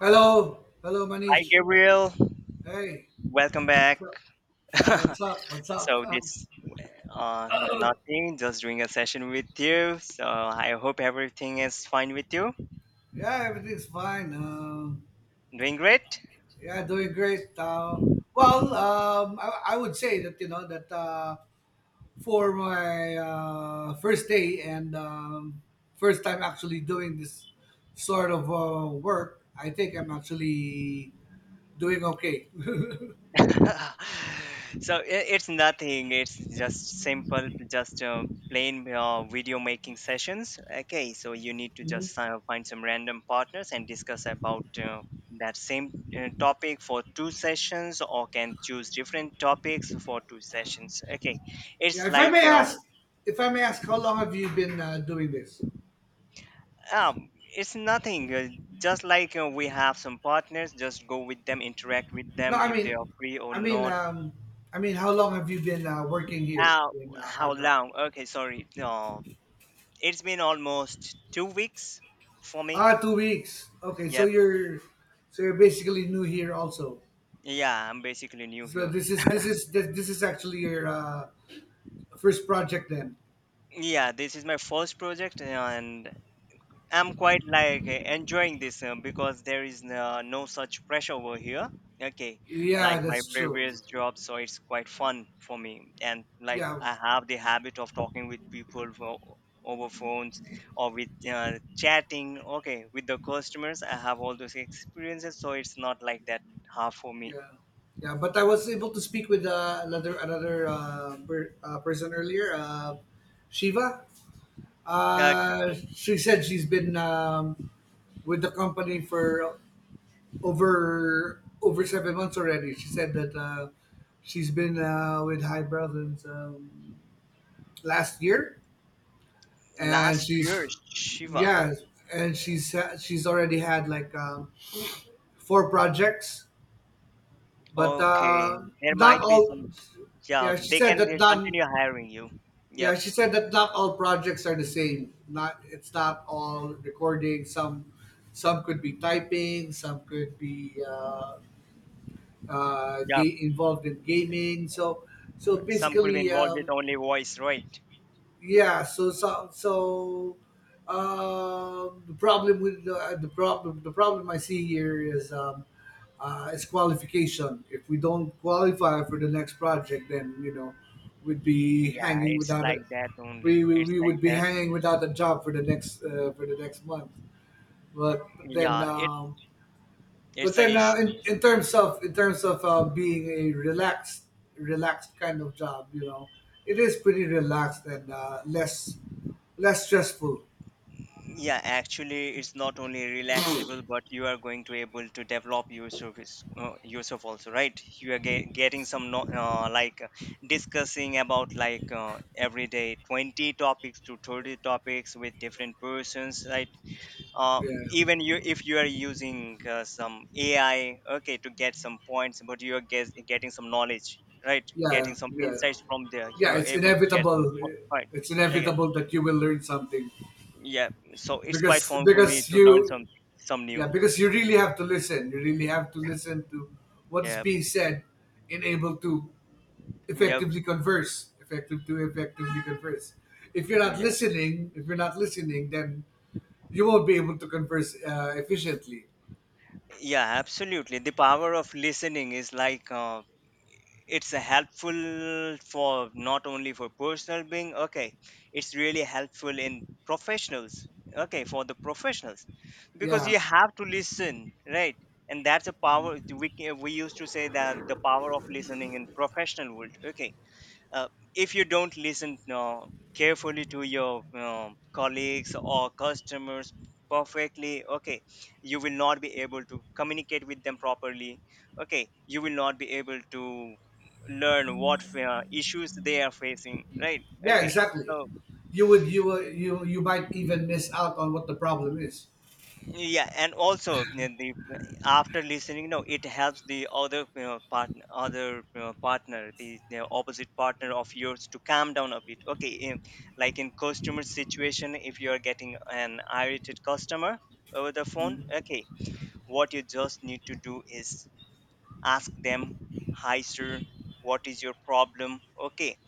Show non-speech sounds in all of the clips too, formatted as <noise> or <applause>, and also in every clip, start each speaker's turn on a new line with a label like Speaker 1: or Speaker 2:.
Speaker 1: Hello, hello,
Speaker 2: Hi,
Speaker 1: Manish.
Speaker 2: Gabriel.
Speaker 1: Hey,
Speaker 2: Welcome back.
Speaker 1: what's up?
Speaker 2: <laughs>
Speaker 1: Yeah, what's up? What's up?
Speaker 2: so
Speaker 1: Uh,
Speaker 2: this nothing, just doing a session with you. So I hope everything is fine with you.
Speaker 1: yeah, everything's fine. Uh,
Speaker 2: Doing great. <laughs>
Speaker 1: yeah, doing great. Well, I would say that you know that for my first day and first time actually doing this sort of work, I think I'm actually doing okay. <laughs>
Speaker 2: so I it's nothing. It's just simple, just plain video making sessions. Okay, so you need to just find some random partners and discuss about that same topic for two sessions, or can choose different topics for two sessions. Okay,
Speaker 1: Yeah,
Speaker 2: it's
Speaker 1: if I
Speaker 2: like
Speaker 1: may ask, how long have you been doing this?
Speaker 2: Um, it's nothing. Just like we have some partners, just go with them, interact with
Speaker 1: No,
Speaker 2: them
Speaker 1: I
Speaker 2: if
Speaker 1: mean,
Speaker 2: they are free or
Speaker 1: I mean,
Speaker 2: not.
Speaker 1: I mean, how long have you been working here
Speaker 2: Uh,
Speaker 1: in
Speaker 2: how
Speaker 1: Highbrow?
Speaker 2: long? Okay, sorry. No, it's been almost 2 weeks for me.
Speaker 1: Ah, 2 weeks. Okay,
Speaker 2: Yep.
Speaker 1: so you're basically new here also.
Speaker 2: Yeah, I'm basically new
Speaker 1: So
Speaker 2: here.
Speaker 1: this is actually your first project then.
Speaker 2: Yeah, this is my first project, and I'm quite like enjoying this because there is no such pressure over here. Okay, like
Speaker 1: Yeah,
Speaker 2: my
Speaker 1: that's true.
Speaker 2: previous job, so it's quite fun for me. And like
Speaker 1: Yeah,
Speaker 2: I have the habit of talking with people for, over phones or with chatting. Okay, with the customers, I have all those experiences, so it's not like that hard for me.
Speaker 1: yeah, yeah, But I was able to speak with another person earlier, Shiva.
Speaker 2: Okay,
Speaker 1: She said she's been with the company for over 7 months already. She said that she's been with High Brow since last year, and
Speaker 2: last
Speaker 1: she's
Speaker 2: year Shiva.
Speaker 1: yeah, and she's already had like four projects, but
Speaker 2: Okay, there
Speaker 1: not
Speaker 2: might be
Speaker 1: all.
Speaker 2: some. Yeah,
Speaker 1: Yeah, she
Speaker 2: they can
Speaker 1: said that not.
Speaker 2: continue hiring you.
Speaker 1: Yeah,
Speaker 2: Yep.
Speaker 1: she said that not all projects are the same. Not It's not all recording. Some could be typing. Some could be.
Speaker 2: Yeah,
Speaker 1: Involved in gaming. So
Speaker 2: some could be
Speaker 1: basically,
Speaker 2: involved with only voice, right?
Speaker 1: yeah. So the problem with the problem I see here is qualification. If we don't qualify for the next project, then you know we'd be
Speaker 2: Yeah,
Speaker 1: hanging
Speaker 2: it's
Speaker 1: without
Speaker 2: like
Speaker 1: a
Speaker 2: that only.
Speaker 1: we, we,
Speaker 2: It's
Speaker 1: we
Speaker 2: like
Speaker 1: would be
Speaker 2: that.
Speaker 1: hanging without a job for the next month. But then
Speaker 2: Yeah, it
Speaker 1: um,
Speaker 2: it's
Speaker 1: but
Speaker 2: a
Speaker 1: then,
Speaker 2: issue.
Speaker 1: in terms of being a relaxed kind of job, you know, it is pretty relaxed and less stressful.
Speaker 2: Yeah, actually, it's not only relaxable, but you are going to able to develop your service yourself also, right? You are getting some no, like discussing about like every day 20 topics to 30 topics with different persons, right? uh,
Speaker 1: Yeah,
Speaker 2: Even you if you are using some ai, okay, to get some points, but you are getting some knowledge, right?
Speaker 1: yeah,
Speaker 2: Getting some
Speaker 1: yeah,
Speaker 2: insights from there, you
Speaker 1: yeah.
Speaker 2: are
Speaker 1: It's
Speaker 2: able to get some
Speaker 1: inevitable.
Speaker 2: points.
Speaker 1: It's
Speaker 2: Okay,
Speaker 1: inevitable that you will learn something
Speaker 2: yeah, so it's quite fun for me
Speaker 1: because
Speaker 2: to learn
Speaker 1: you
Speaker 2: some new
Speaker 1: yeah, because you
Speaker 2: things.
Speaker 1: really have to listen. You really have to listen to what is
Speaker 2: Yeah,
Speaker 1: being said and able to
Speaker 2: yeah,
Speaker 1: effectively converse. If you're not
Speaker 2: yeah,
Speaker 1: listening, then you won't be able to converse efficiently.
Speaker 2: yeah, absolutely. The power of listening is like it's a helpful for not only for personal being, okay, it's really helpful in professionals, okay, for the professionals, because
Speaker 1: yeah
Speaker 2: you have to listen, right? And that's a power we used to say that the power of listening in professional world, okay, uh, if you don't listen carefully to your colleagues or customers perfectly, okay, you will not be able to communicate with them properly, okay, you will not be able to learn what issues they are facing, right?
Speaker 1: yeah
Speaker 2: Okay,
Speaker 1: exactly.
Speaker 2: so
Speaker 1: You would you would- you you might even miss out on what the problem is.
Speaker 2: yeah, and also, you know, the after listening, you know, it helps the other, you know, partner, other, you know, partner the, you know, opposite partner of yours to calm down a bit, okay, in, like in customer situation, if you are getting an irritated customer over the phone, okay, what you just need to do is ask them, hi sir, what is your problem, okay?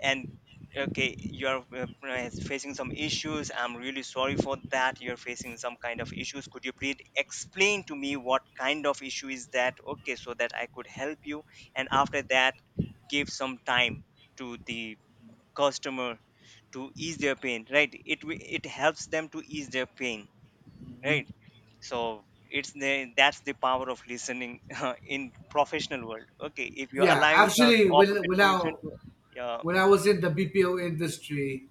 Speaker 2: And okay, you're facing some issues, I'm really sorry for that, you're facing some kind of issues, could you please explain to me what kind of issue is that, okay, so that I could help you. And after that, give some time to the customer to ease their pain, right? It it helps them to ease their pain, right? So it's the that's the power of listening <laughs> in professional world, okay, if you're
Speaker 1: Yeah,
Speaker 2: allowing the
Speaker 1: actually, when
Speaker 2: opposite
Speaker 1: when i
Speaker 2: person to
Speaker 1: when i was in the BPO industry,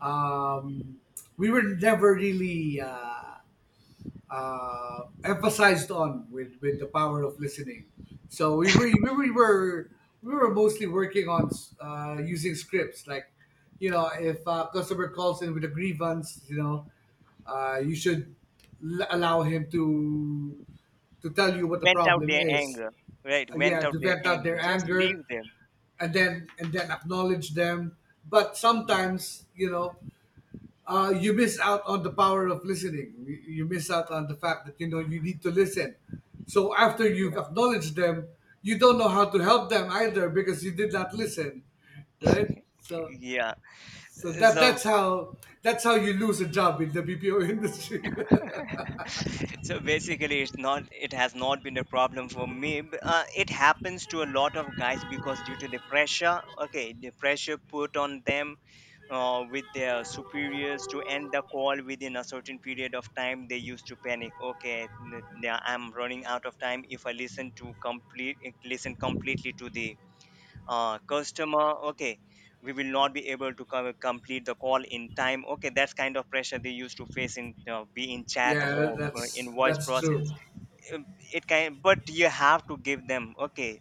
Speaker 1: um we were never really emphasized on with the power of listening. So we were mostly working on using scripts. Like you know, if a customer calls in with a grievance, you know, you should allow him to tell you what the
Speaker 2: vent out
Speaker 1: problem
Speaker 2: their
Speaker 1: is.
Speaker 2: anger, right? Vent
Speaker 1: Yeah, to
Speaker 2: out their
Speaker 1: vent out
Speaker 2: anger,
Speaker 1: their
Speaker 2: just
Speaker 1: anger,
Speaker 2: leave them.
Speaker 1: and then acknowledge them. But
Speaker 2: Mm,
Speaker 1: sometimes you know you miss out on the power of listening. You miss out on the fact that you know you need to listen. So after you've
Speaker 2: yeah,
Speaker 1: acknowledged them, you don't know how to help them either because you did not listen, right? So
Speaker 2: yeah,
Speaker 1: so that
Speaker 2: so
Speaker 1: that's how that's how you lose a job in the BPO industry.
Speaker 2: <laughs> so basically it's not, it has not been a problem for me, it happens to a lot of guys because due to the pressure, okay, the pressure put on them with their superiors to end the call within a certain period of time, they used to panic. Okay, now I'm running out of time, if I listen to complete, listen completely to the customer, okay, we will not be able to complete the call in time, okay, that's kind of pressure they used to face in be in
Speaker 1: <laughs>
Speaker 2: chat
Speaker 1: Yeah,
Speaker 2: or in voice
Speaker 1: that's true.
Speaker 2: process. Um, it can, but you have to give them, okay,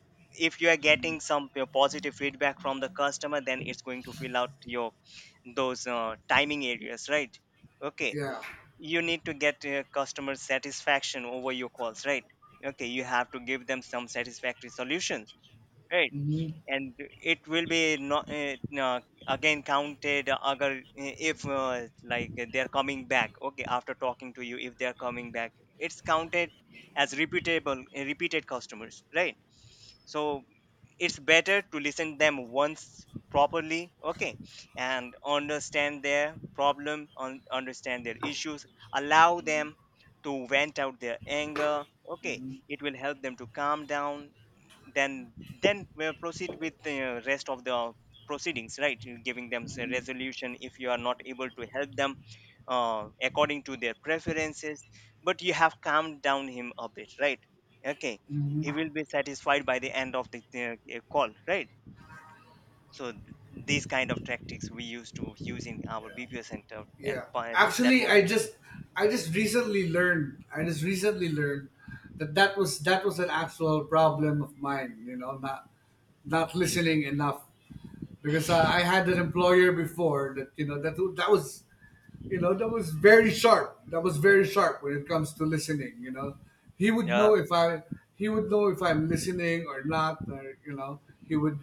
Speaker 2: if you are getting some positive feedback from the customer, then it's going to fill out your those timing areas, right? Okay,
Speaker 1: Yeah.
Speaker 2: you need to get customer satisfaction over your calls, right? Okay, you have to give them some satisfactory solutions, right? And it will be not again counted agar if like they're coming back, okay, after talking to you if they're coming back, it's counted as repeatable repeated customers, right? So it's better to listen them once properly, okay, and understand their problem, understand their issues, allow them to vent out their anger, okay, it will help them to calm down, then we'll proceed with the rest of the proceedings, right? You're giving them a resolution if you are not able to help them according to their preferences, but you have calmed down him a bit, right? Okay, he will be satisfied by the end of the call, right? So these kind of tactics we used to use in our BPO center and
Speaker 1: Yeah.
Speaker 2: that
Speaker 1: Actually,
Speaker 2: was
Speaker 1: I
Speaker 2: it.
Speaker 1: just I just recently learned I just recently learned that that was an actual problem of mine, you know, not listening enough because I had an employer before that, you know, that was, you know, that was very sharp. That was very sharp when it comes to listening, you know. He would
Speaker 2: Yeah,
Speaker 1: know if I he would know if I'm listening or not, or, you know, he would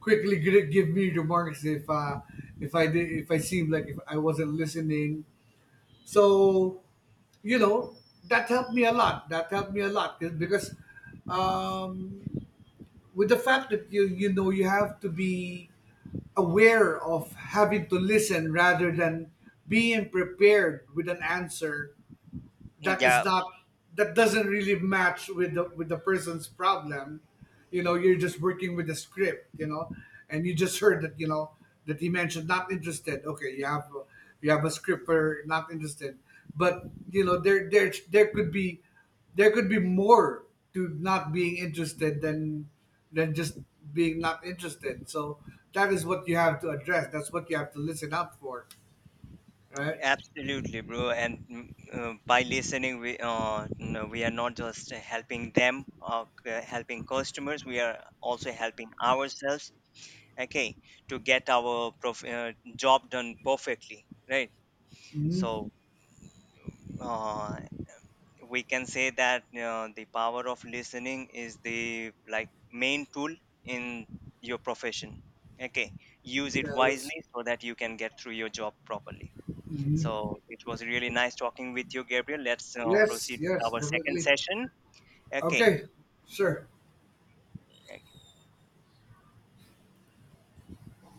Speaker 1: quickly give me remarks if I did if I seemed like if I wasn't listening. So, you know, that helped me a lot. That helped me a lot because um, with the fact that you know, you have to be aware of having to listen rather than being prepared with an answer that is
Speaker 2: yeah,
Speaker 1: not, that doesn't really match with the person's problem. You know, you're just working with the script, you know, and you just
Speaker 2: yeah,
Speaker 1: heard that, you know, that he mentioned not interested. Okay, you have a script for not interested, but you know there could be, there could be more to not being interested than just being not interested. So that is what you have to address. That's what you have to listen out for, right?
Speaker 2: absolutely bro. And by listening we no, we are not just helping them or helping customers, we are also helping ourselves, okay, to get our prof- uh, job done perfectly, right?
Speaker 1: Hmm.
Speaker 2: So uh, we can say that the power of listening is the like main tool in your profession. Okay, use it
Speaker 1: yeah, that's-
Speaker 2: wisely so that you can get through your job properly. So it was really nice talking with you, Gabriel. Let's
Speaker 1: yes,
Speaker 2: proceed with
Speaker 1: yes,
Speaker 2: our second
Speaker 1: definitely.
Speaker 2: session. Okay.
Speaker 1: Okay, sure.